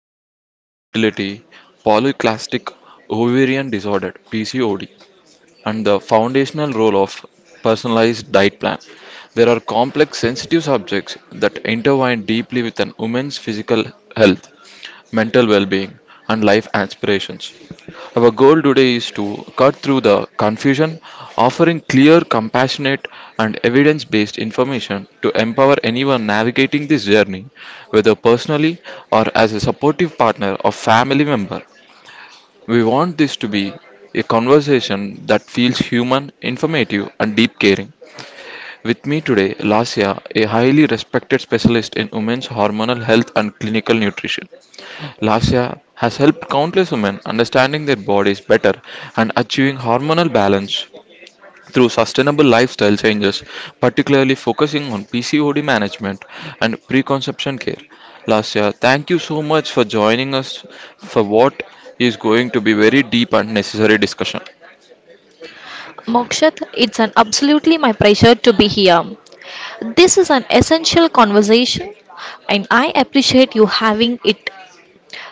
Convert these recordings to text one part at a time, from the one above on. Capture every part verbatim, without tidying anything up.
advice, fertility, polyclastic ovarian disorder, P C O D, and the foundational role of personalized diet plan. There are complex sensitive subjects that intertwine deeply with an woman's physical health, mental well-being and life aspirations. Our goal today is to cut through the confusion, offering clear, compassionate and evidence-based information to empower anyone navigating this journey, whether personally or as a supportive partner or family member. We want this to be a conversation that feels human, informative, and deep caring. With me today, Lasya, a highly respected specialist in women's hormonal health and clinical nutrition. Lasya has helped countless women understanding their bodies better and achieving hormonal balance through sustainable lifestyle changes, particularly focusing on P C O D management and preconception care. Lasya, thank you so much for joining us for what is going to be very deep and necessary discussion. Mokshat, it's an absolutely my pleasure to be here. This is an essential conversation and I appreciate you having it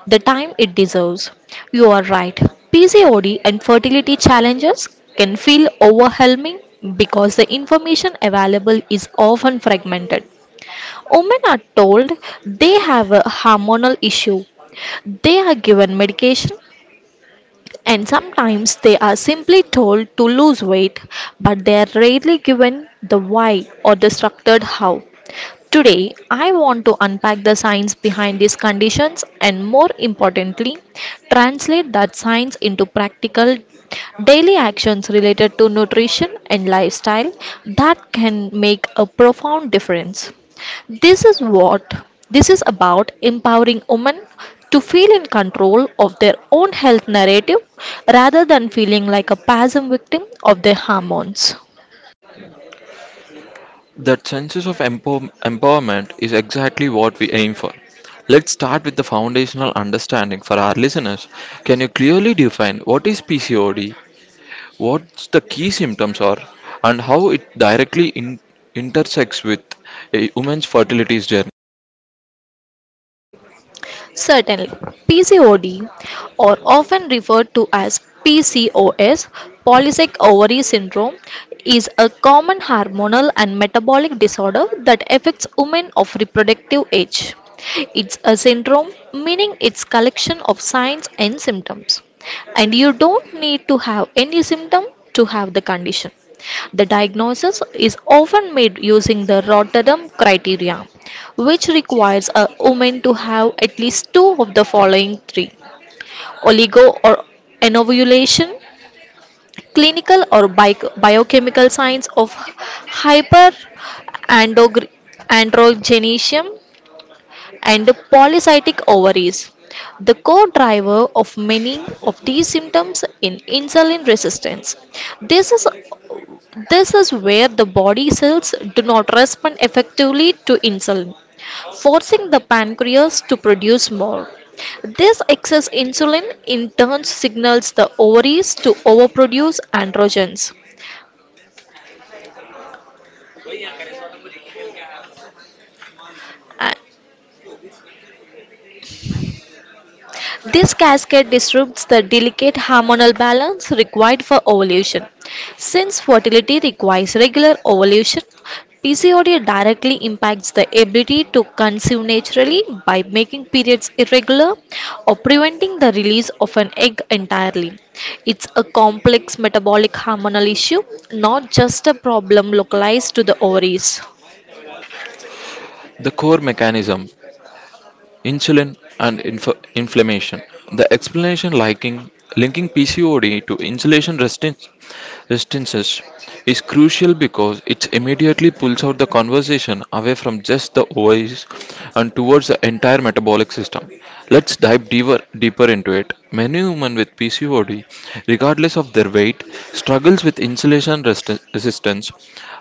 the time it deserves. You are right. P C O D and fertility challenges can feel overwhelming because the information available is often fragmented. Women are told they have a hormonal issue. They are given medication and sometimes they are simply told to lose weight, but they are rarely given the why or the structured how. Today, I want to unpack the science behind these conditions and, more importantly, translate that science into practical daily actions related to nutrition and lifestyle that can make a profound difference. This is what this is about empowering women to feel in control of their own health narrative rather than feeling like a passive victim of their hormones. That sense of empower- empowerment is exactly what we aim for. Let's start with the foundational understanding for our listeners. Can you clearly define what is P C O D, what the key symptoms are, and how it directly in- intersects with a woman's fertility journey. Certainly, P C O D, or often referred to as P C O S, polycystic ovary syndrome, is a common hormonal and metabolic disorder that affects women of reproductive age. It's a syndrome, meaning it's collection of signs and symptoms. And you don't need to have any symptom to have the condition. The diagnosis is often made using the Rotterdam criteria, which requires a woman to have at least two of the following three oligo or anovulation, clinical or bi- biochemical signs of hyperandrogenism, and polycystic ovaries. The core driver of many of these symptoms in insulin resistance. This is this is where the body cells do not respond effectively to insulin, forcing the pancreas to produce more. This excess insulin in turn signals the ovaries to overproduce androgens. This cascade disrupts the delicate hormonal balance required for ovulation. Since fertility requires regular ovulation, P C O D directly impacts the ability to conceive naturally by making periods irregular or preventing the release of an egg entirely. It's a complex metabolic hormonal issue, not just a problem localized to the ovaries. The core mechanism, insulin and inf- inflammation. The explanation liking, linking P C O D to insulin resistance resistances is crucial because it immediately pulls out the conversation away from just the ovaries and towards the entire metabolic system. Let's dive deeper, deeper into it. Many women with P C O D, regardless of their weight, struggles with insulin resti- resistance.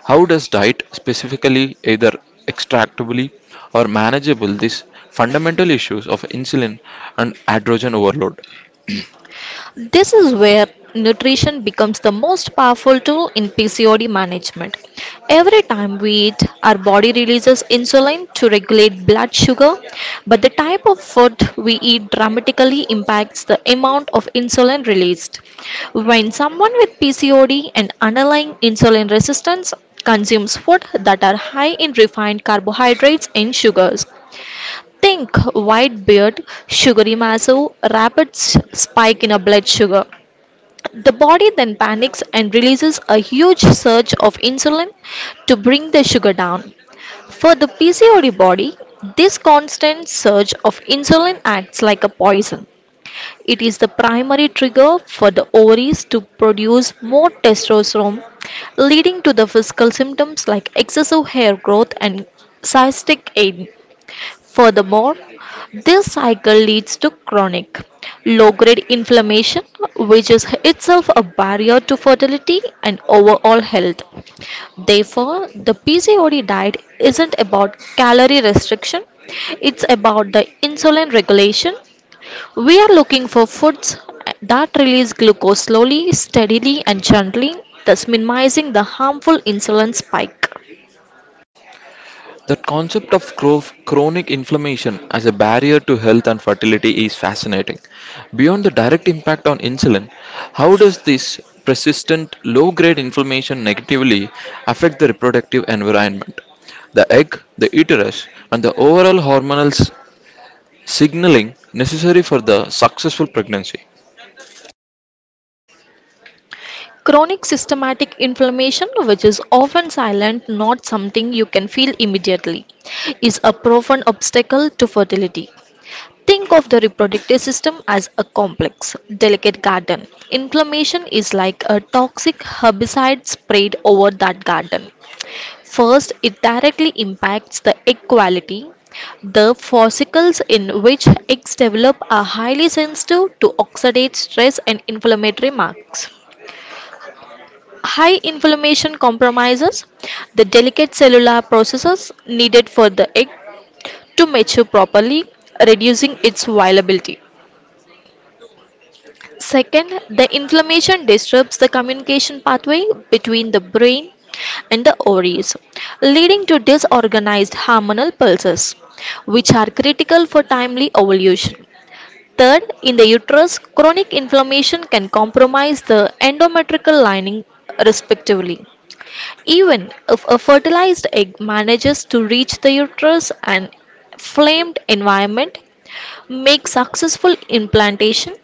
How does diet specifically either extractably or manageable these fundamental issues of insulin and androgen overload? This is where nutrition becomes the most powerful tool in P C O D management. Every time we eat, our body releases insulin to regulate blood sugar, but the type of food we eat dramatically impacts the amount of insulin released. When someone with P C O D and underlying insulin resistance consumes food that are high in refined carbohydrates and sugars, think white beard, sugary massive, rapid s- spike in a blood sugar. The body then panics and releases a huge surge of insulin to bring the sugar down. For the P C O D body, this constant surge of insulin acts like a poison. It is the primary trigger for the ovaries to produce more testosterone, leading to the physical symptoms like excessive hair growth and cystic acne. Furthermore, this cycle leads to chronic, low-grade inflammation, which is itself a barrier to fertility and overall health. Therefore, the P C O D diet isn't about calorie restriction, it's about the insulin regulation. We are looking for foods that release glucose slowly, steadily, and gently, thus minimizing the harmful insulin spike. The concept of chro- chronic inflammation as a barrier to health and fertility is fascinating. Beyond the direct impact on insulin, how does this persistent low grade inflammation negatively affect the reproductive environment? The egg, the uterus, and the overall hormonal s- signaling necessary for the successful pregnancy. Chronic systematic inflammation, which is often silent, not something you can feel immediately, is a profound obstacle to fertility. Think of the reproductive system as a complex, delicate garden. Inflammation is like a toxic herbicide sprayed over that garden. First, it directly impacts the egg quality. The fossicles in which eggs develop are highly sensitive to oxidative stress and inflammatory marks. High inflammation compromises the delicate cellular processes needed for the egg to mature properly, reducing its viability. Second, the inflammation disturbs the communication pathway between the brain and the ovaries, leading to disorganized hormonal pulses, which are critical for timely ovulation. Third, in the uterus, chronic inflammation can compromise the endometrial lining respectively. Even if a fertilized egg manages to reach the uterus, an inflamed environment makes successful implantation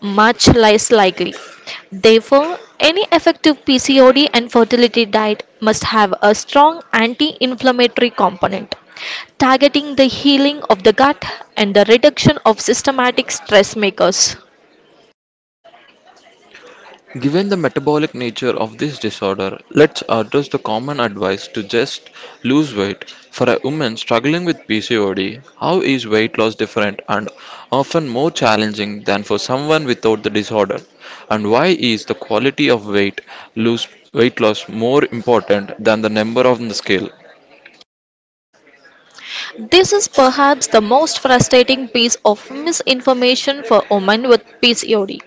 much less likely. Therefore, any effective P C O D and fertility diet must have a strong anti inflammatory component, targeting the healing of the gut and the reduction of systematic stress makers. Given the metabolic nature of this disorder, let's address the common advice to just lose weight. For a woman struggling with P C O D, how is weight loss different and often more challenging than for someone without the disorder? And why is the quality of weight lose weight loss more important than the number on the scale? This is perhaps the most frustrating piece of misinformation for women with P C O D.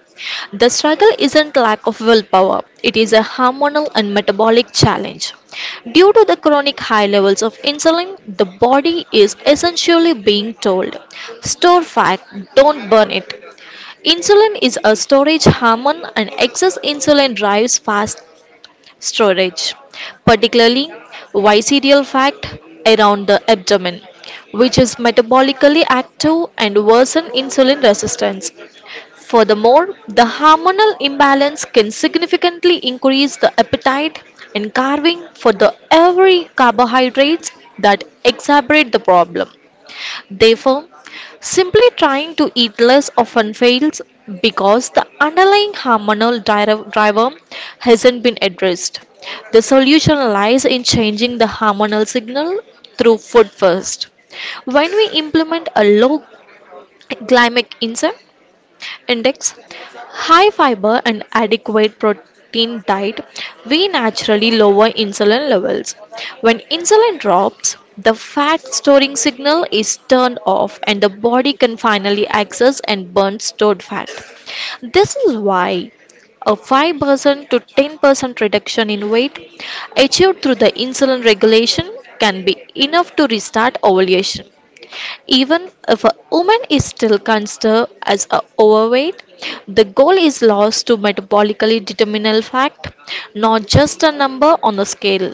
The struggle isn't lack of willpower, it is a hormonal and metabolic challenge. Due to the chronic high levels of insulin, the body is essentially being told, store fat, don't burn it. Insulin is a storage hormone, and excess insulin drives fast storage, particularly visceral fat around the abdomen, which is metabolically active and worsen insulin resistance. Furthermore, the hormonal imbalance can significantly increase the appetite and carving for the every carbohydrates that exacerbate the problem. Therefore, simply trying to eat less often fails because the underlying hormonal dri- driver hasn't been addressed. The solution lies in changing the hormonal signal through food first. When we implement a low glycemic insulin, index, high fiber and adequate protein diet, we naturally lower insulin levels. When insulin drops, the fat storing signal is turned off and the body can finally access and burn stored fat. This is why a five percent to ten percent reduction in weight achieved through the insulin regulation can be enough to restart ovulation. Even if a woman is still considered as a overweight, the goal is lost to metabolically determinal fact, not just a number on a scale.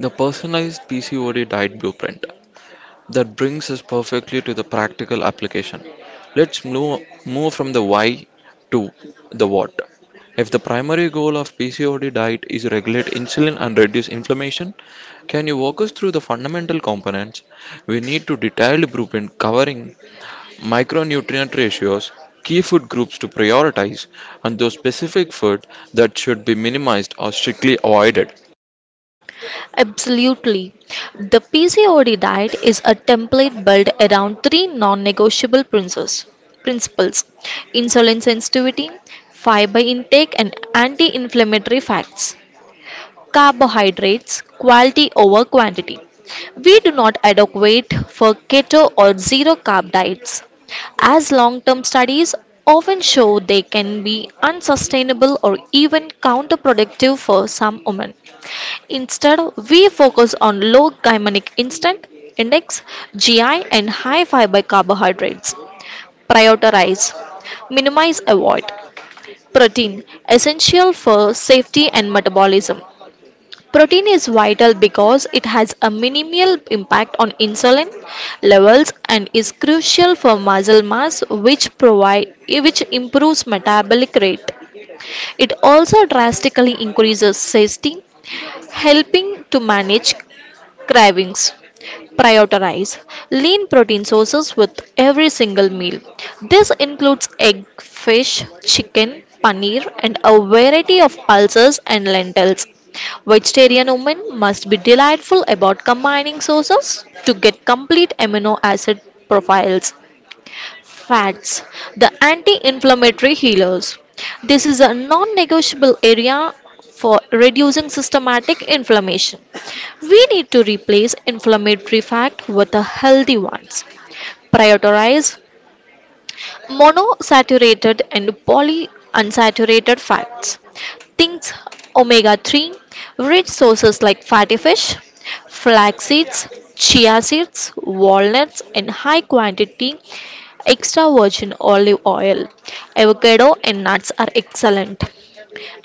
The personalized P C O D diet blueprint. That brings us perfectly to the practical application. Let's move, move from the why to the what. If the primary goal of P C O D diet is regulate insulin and reduce inflammation, can you walk us through the fundamental components? We need to detailed blueprint covering micronutrient ratios, key food groups to prioritize, and those specific food that should be minimized or strictly avoided. Absolutely. The P C O D diet is a template built around three non-negotiable principles. Principles: insulin sensitivity, fiber intake and anti-inflammatory fats. Carbohydrates, quality over quantity. We do not advocate for keto or zero carb diets, as long term studies often show they can be unsustainable or even counterproductive for some women. Instead, we focus on low glycemic instant index G I and high fiber carbohydrates. Prioritize, minimize, avoid. Protein essential for safety and metabolism. Protein is vital because it has a minimal impact on insulin levels and is crucial for muscle mass which provide which improves metabolic rate. It also drastically increases satiety, helping to manage cravings. Prioritize lean protein sources with every single meal. This includes egg, fish, chicken, paneer, and a variety of pulses and lentils. Vegetarian women must be delightful about combining sources to get complete amino acid profiles. Fats, the anti inflammatory healers. This is a non negotiable area for reducing systematic inflammation. We need to replace inflammatory fat with a healthy ones. Prioritize monosaturated and polyunsaturated fats. Things omega three rich sources like fatty fish, flax seeds, chia seeds, walnuts, and high quantity extra virgin olive oil. Avocado and nuts are excellent.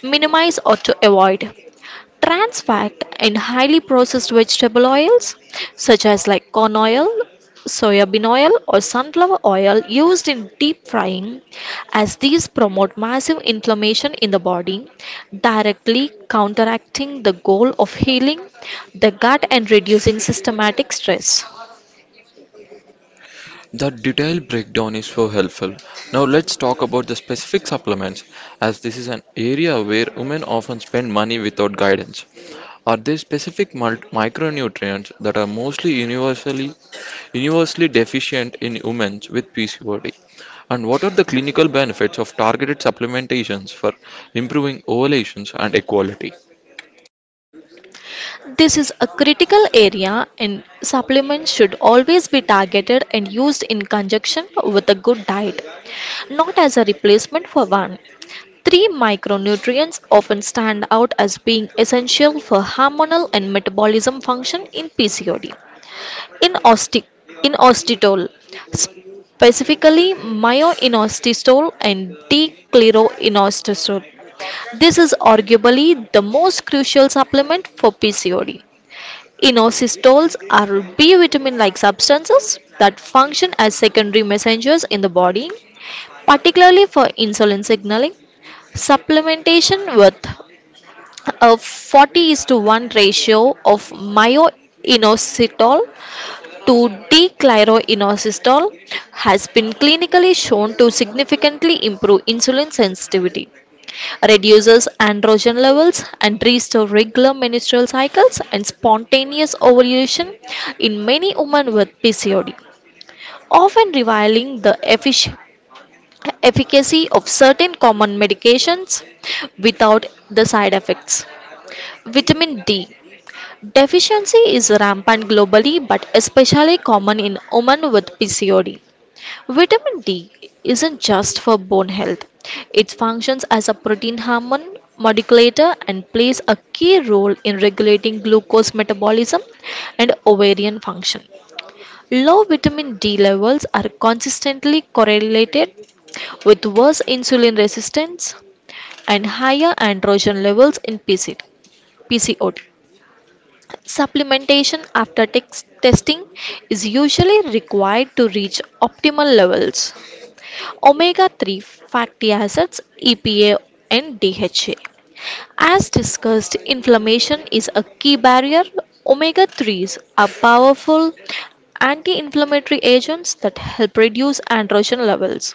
Minimize or to avoid trans fat in highly processed vegetable oils such as like corn oil, soybean oil or sunflower oil used in deep frying as these promote massive inflammation in the body directly counteracting the goal of healing the gut and reducing systematic stress. The detailed breakdown is so helpful. Now let's talk about the specific supplements, as this is an area where women often spend money without guidance. Are there specific mul- micronutrients that are mostly universally universally deficient in women with P C O D? And what are the clinical benefits of targeted supplementations for improving ovulations and equality? This is a critical area and supplements should always be targeted and used in conjunction with a good diet, not as a replacement for one. Three micronutrients often stand out as being essential for hormonal and metabolism function in P C O D. In, oste- in osteitol, specifically myoinositol and d-chloroinositol. This is arguably the most crucial supplement for P C O D. Inositols are B vitamin like substances that function as secondary messengers in the body, particularly for insulin signaling. Supplementation with a forty is to one ratio of myoinositol to D-chloroinositol has been clinically shown to significantly improve insulin sensitivity, reduces androgen levels, and restore regular menstrual cycles and spontaneous ovulation in many women with P C O D often revealing the effic- efficacy of certain common medications without the side effects. Vitamin D deficiency is rampant globally but especially common in women with P C O D. Vitamin D isn't just for bone health. It functions as a protein hormone modulator and plays a key role in regulating glucose metabolism and ovarian function. Low vitamin D levels are consistently correlated with worse insulin resistance and higher androgen levels in P C. Supplementation after tex- testing is usually required to reach optimal levels. Omega three fatty acids, E P A, and D H A. As discussed, inflammation is a key barrier. Omega 3s are powerful anti-inflammatory agents that help reduce androgen levels,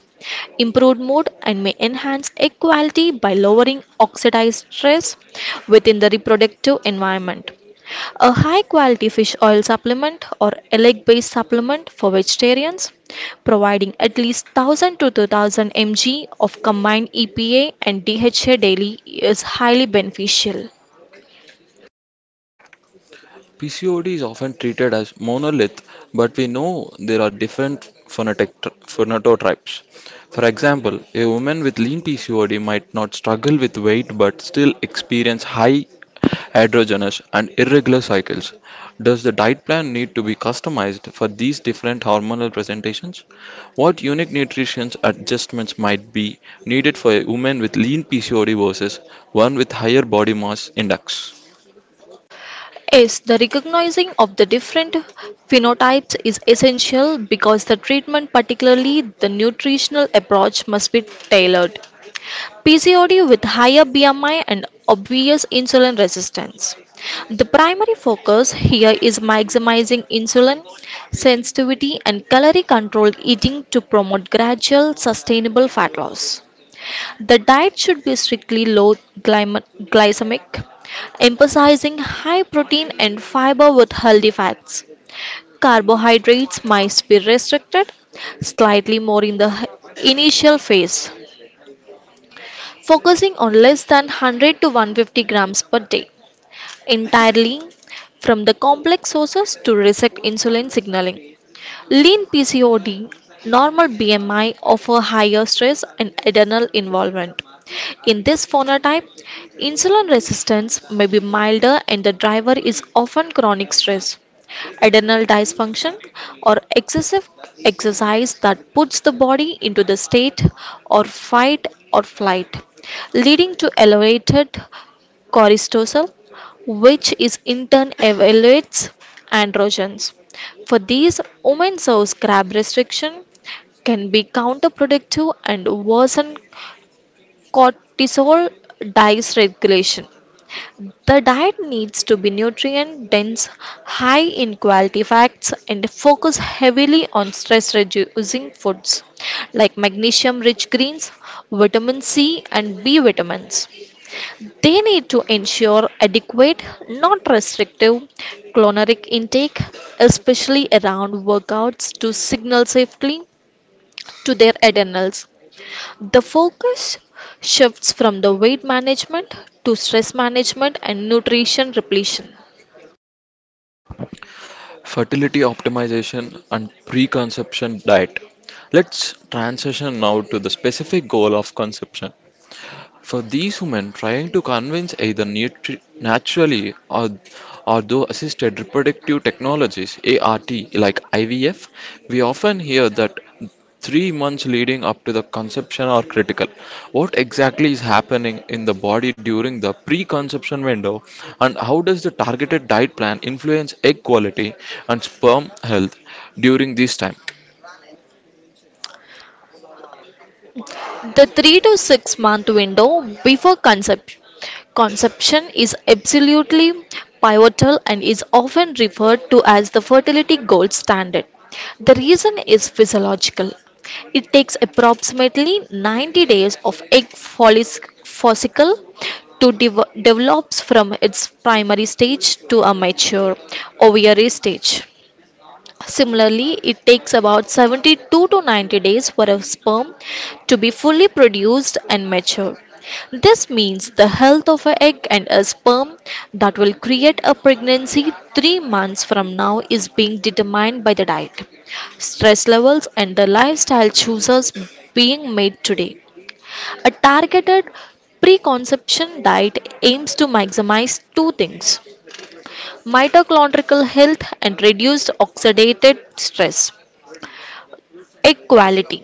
improve mood, and may enhance egg quality by lowering oxidized stress within the reproductive environment. A high quality fish oil supplement or egg based supplement for vegetarians, providing at least one thousand to two thousand mg of combined E P A and D H A daily is highly beneficial. P C O D is often treated as monolith, but we know there are different phonetic phenotypes. For example, a woman with lean P C O D might not struggle with weight but still experience high androgenous and irregular cycles. Does the diet plan need to be customized for these different hormonal presentations? What unique nutrition adjustments might be needed for a woman with lean P C O D versus one with higher body mass index? Yes, the recognizing of the different phenotypes is essential because the treatment, particularly the nutritional approach, must be tailored. P C O D with higher B M I and obvious insulin resistance. The primary focus here is maximizing insulin sensitivity and calorie controlled eating to promote gradual sustainable fat loss. The diet should be strictly low glyme- glycemic, emphasizing high protein and fiber with healthy fats. Carbohydrates might be restricted slightly more in the h- initial phase, focusing on less than one hundred to one hundred fifty grams per day entirely from the complex sources to reset insulin signaling. Lean P C O D, normal B M I offer higher stress and adrenal involvement. In this phenotype, insulin resistance may be milder and the driver is often chronic stress, adrenal dysfunction, or excessive exercise that puts the body into the state or fight or flight, leading to elevated coristosal, which is in turn evaluates androgens. For these, women source grab restriction can be counterproductive and worsen cortisol dysregulation. The diet needs to be nutrient dense, high in quality fats, and focus heavily on stress reducing foods like magnesium rich greens, vitamin C, and B vitamins. They need to ensure adequate, not restrictive, caloric intake, especially around workouts to signal safely to their adrenals. The focus shifts from the weight management to stress management and nutrition repletion. Fertility optimization, and preconception diet. Let's transition now to the specific goal of conception for these women, trying to convince either nutri- naturally or, or through assisted reproductive technologies (A R T) like I V F, we often hear that three months leading up to the conception are critical. What exactly is happening in the body during the preconception window, and how does the targeted diet plan influence egg quality and sperm health during this time? The three to six month window before conception. Conception is absolutely pivotal and is often referred to as the fertility gold standard. The reason is physiological. It takes approximately ninety days of egg follic- follicle to dev- develops from its primary stage to a mature ovary stage. Similarly, it takes about seventy-two to ninety days for a sperm to be fully produced and mature. This means the health of an egg and a sperm that will create a pregnancy three months from now is being determined by the diet, stress levels, and the lifestyle choices being made today. A targeted preconception diet aims to maximize two things: mitochondrial health and reduced oxidative stress. Equality.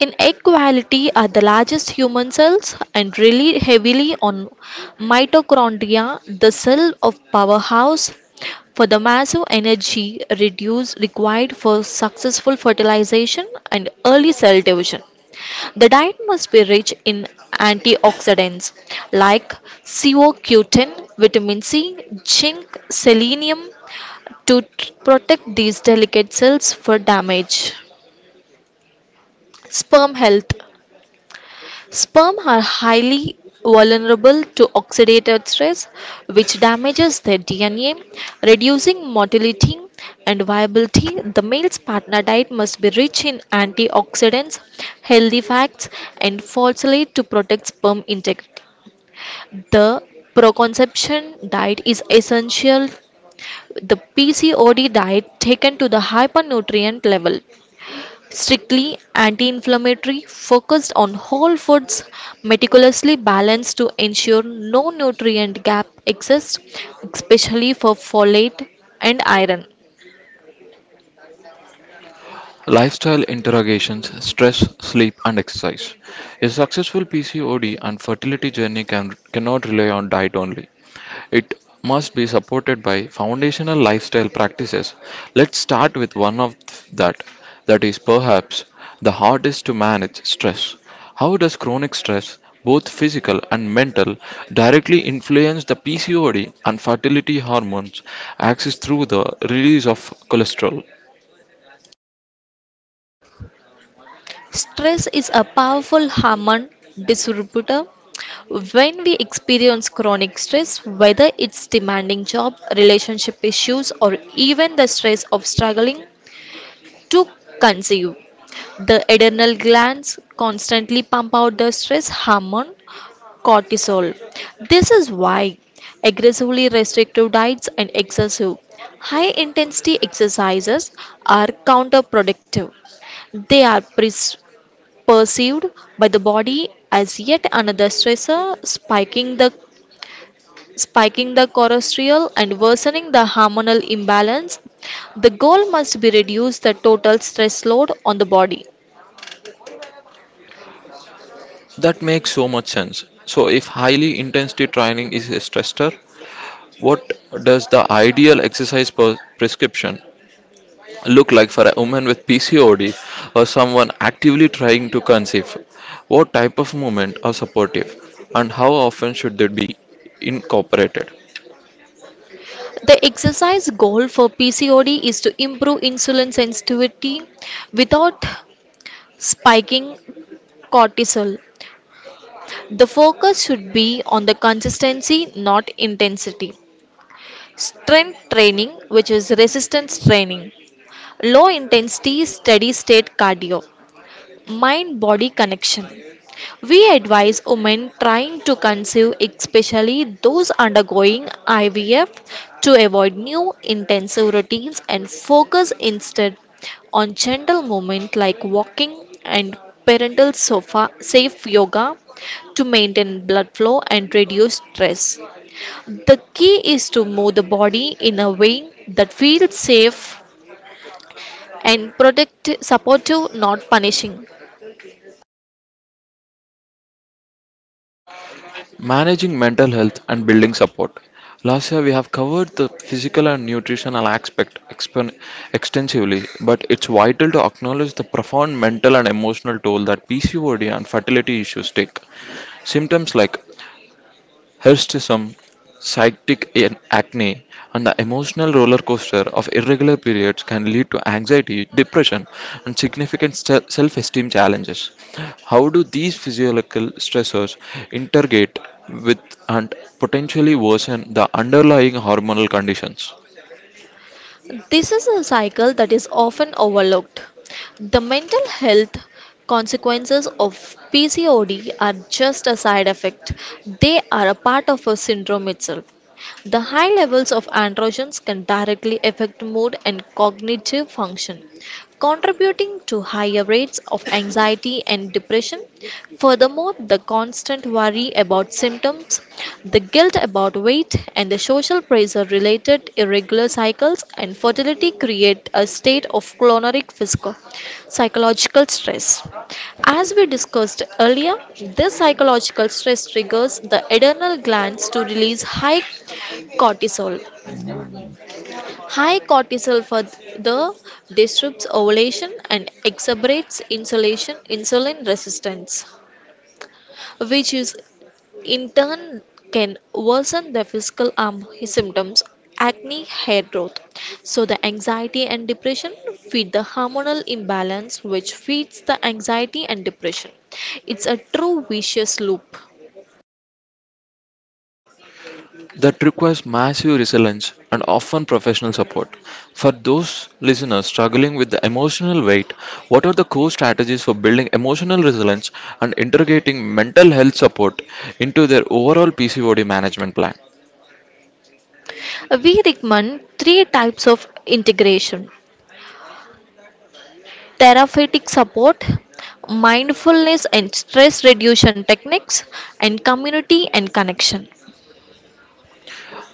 In equality are the largest human cells and rely heavily on mitochondria, the cell of powerhouse, for the massive energy reduce required for successful fertilization and early cell division. The diet must be rich in antioxidants like co q ten, vitamin C, zinc, selenium to t- protect these delicate cells for damage. Sperm health. Sperm are highly vulnerable to oxidative stress, which damages their D N A, reducing motility and viability. The male's partner diet must be rich in antioxidants, healthy fats, and folate to protect sperm integrity. The proconception diet is essential. The P C O D diet taken to the hypernutrient level, strictly anti-inflammatory, focused on whole foods, meticulously balanced to ensure no nutrient gap exists, especially for folate and iron. Lifestyle interrogations stress, sleep, and exercise. A successful P C O D and fertility journey can, cannot rely on diet only. It must be supported by foundational lifestyle practices. Let's start with one of that, that is perhaps the hardest to manage stress. How does chronic stress, both physical and mental, directly influence the P C O D and fertility hormones axis through the release of cholesterol? Stress is a powerful hormone disruptor. When we experience chronic stress, whether it's demanding job, relationship issues, or even the stress of struggling to conceive, the adrenal glands constantly pump out the stress hormone, cortisol. This is why aggressively restrictive diets and excessive high intensity exercises are counterproductive. They are pres- perceived by the body as yet another stressor, spiking the spiking the cortisol and worsening the hormonal imbalance. The goal must be reduce the total stress load on the body. That makes so much sense. So, if highly intensity training is a stressor, what does the ideal exercise per- prescription look like for a woman with P C O D or someone actively trying to conceive? What type of movement are supportive and how often should they be incorporated? The exercise goal for P C O D is to improve insulin sensitivity without spiking cortisol. The focus should be on the consistency, not intensity. Strength training, which is resistance training, low intensity, steady state cardio, mind body connection. We advise women trying to conceive, especially those undergoing I V F, to avoid new intensive routines and focus instead on gentle movement like walking and parental sofa safe yoga to maintain blood flow and reduce stress. The key is to move the body in a way that feels safe and protect supportive, not punishing. Managing mental health and building support. Last year we have covered the physical and nutritional aspect expon- extensively, but it's vital to acknowledge the profound mental and emotional toll that P C O D and fertility issues take. Symptoms like Hirsutism, psychic an- acne, and the emotional roller coaster of irregular periods can lead to anxiety, depression, and significant se- self esteem challenges. How do these physiological stressors integrate with and potentially worsen the underlying hormonal conditions? This is a cycle that is often overlooked. The mental health consequences of P C O D are just a side effect, they are a part of a syndrome itself. The high levels of androgens can directly affect mood and cognitive function, contributing to higher rates of anxiety and depression. Furthermore, the constant worry about symptoms, the guilt about weight, and the social pressure related irregular cycles and fertility create a state of chronic physical psychological stress. As we discussed earlier, this psychological stress triggers the adrenal glands to release high cortisol. High cortisol further disrupts ovulation and exacerbates insulation insulin resistance, which is in turn can worsen the physical um, symptoms, acne, hair growth. So the anxiety and depression feed the hormonal imbalance, which feeds the anxiety and depression. It's a true vicious loop. That requires massive resilience and often professional support. For those listeners struggling with the emotional weight, what are the core strategies for building emotional resilience and integrating mental health support into their overall P C O D management plan? We recommend three types of integration: therapeutic support, mindfulness and stress reduction techniques, and community and connection.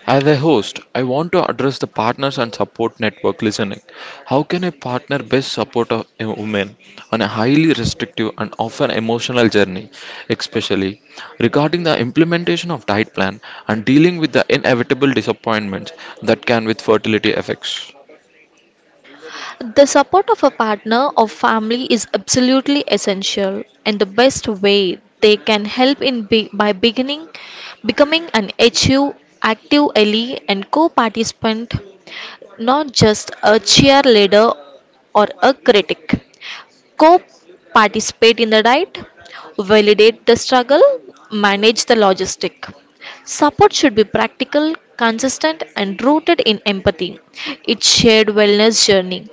As a host, I want to address the partners and support network listening. How can a partner best support a a woman on a highly restrictive and often emotional journey, especially regarding the implementation of diet plan and dealing with the inevitable disappointments that can with fertility effects? The support of a partner or family is absolutely essential, and the best way they can help in be- by beginning becoming an HU active ally and co-participant, not just a cheerleader or a critic. Co-participate in the diet, validate the struggle, manage the logistic. Support should be practical, consistent and rooted in empathy. It's shared wellness journey.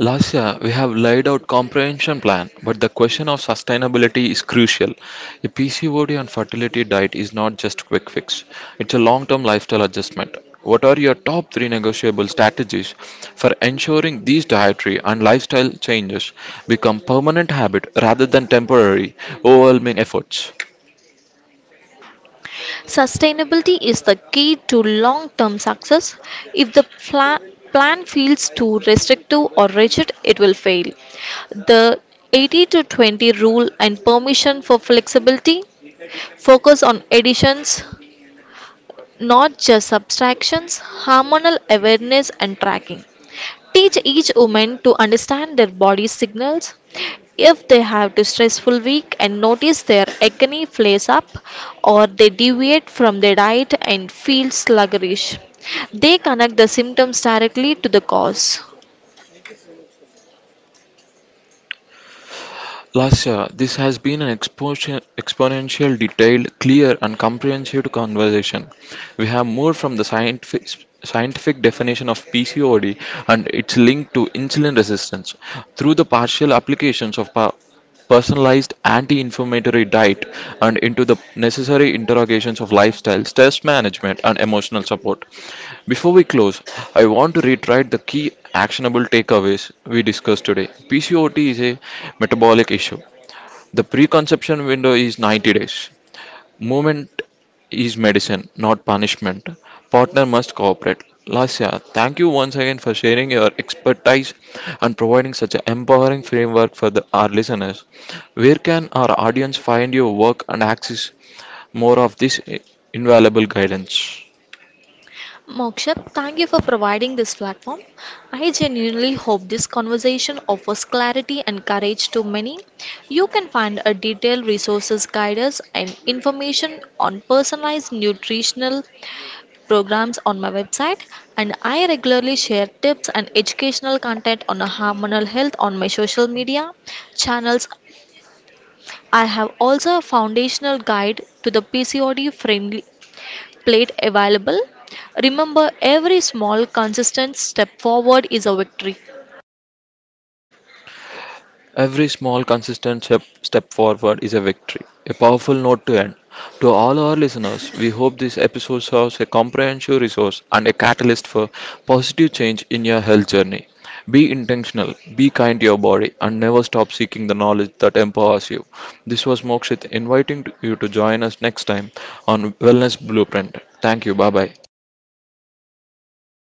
Last year, we have laid out comprehension plan, but the question of sustainability is crucial. A P C O D and fertility diet is not just quick fix; it's a long-term lifestyle adjustment. What are your top three negotiable strategies for ensuring these dietary and lifestyle changes become permanent habit rather than temporary, overwhelming efforts? Sustainability is the key to long term success. If the pla- plan feels too restrictive or rigid, it will fail. The eighty to twenty rule and permission for flexibility, focus on additions, not just subtractions, hormonal awareness, and tracking. Teach each woman to understand their body signals. If they have a stressful week and notice their acne flares up or they deviate from their diet and feel sluggish, they connect the symptoms directly to the cause. Lascia, this has been an expo- exponential, detailed, clear, and comprehensive conversation. We have moved from the scientific, scientific definition of P C O D and its link to insulin resistance through the partial applications of pa- personalized anti-inflammatory diet and into the necessary interrogations of lifestyle, stress management, and emotional support. Before we close, I want to reiterate the key actionable takeaways we discussed today. P C O D is a metabolic issue, the preconception window is ninety days. Movement is medicine, not punishment. Partner must cooperate. Lasya, thank you once again for sharing your expertise and providing such an empowering framework for the, our listeners. Where can our audience find your work and access more of this invaluable guidance? Moksha, thank you for providing this platform. I genuinely hope this conversation offers clarity and courage to many. You can find a detailed resources guidance and information on personalized nutritional programs on my website, and I regularly share tips and educational content on hormonal health on my social media channels. I have also a foundational guide to the P C O D friendly plate available. Remember, every small consistent step forward is a victory. Every small consistent step, step forward is a victory. A powerful note to end. To all our listeners, we hope this episode serves a comprehensive resource and a catalyst for positive change in your health journey. Be intentional, be kind to your body, and never stop seeking the knowledge that empowers you. This was Mokshit inviting you to join us next time on Wellness Blueprint. Thank you. Bye bye.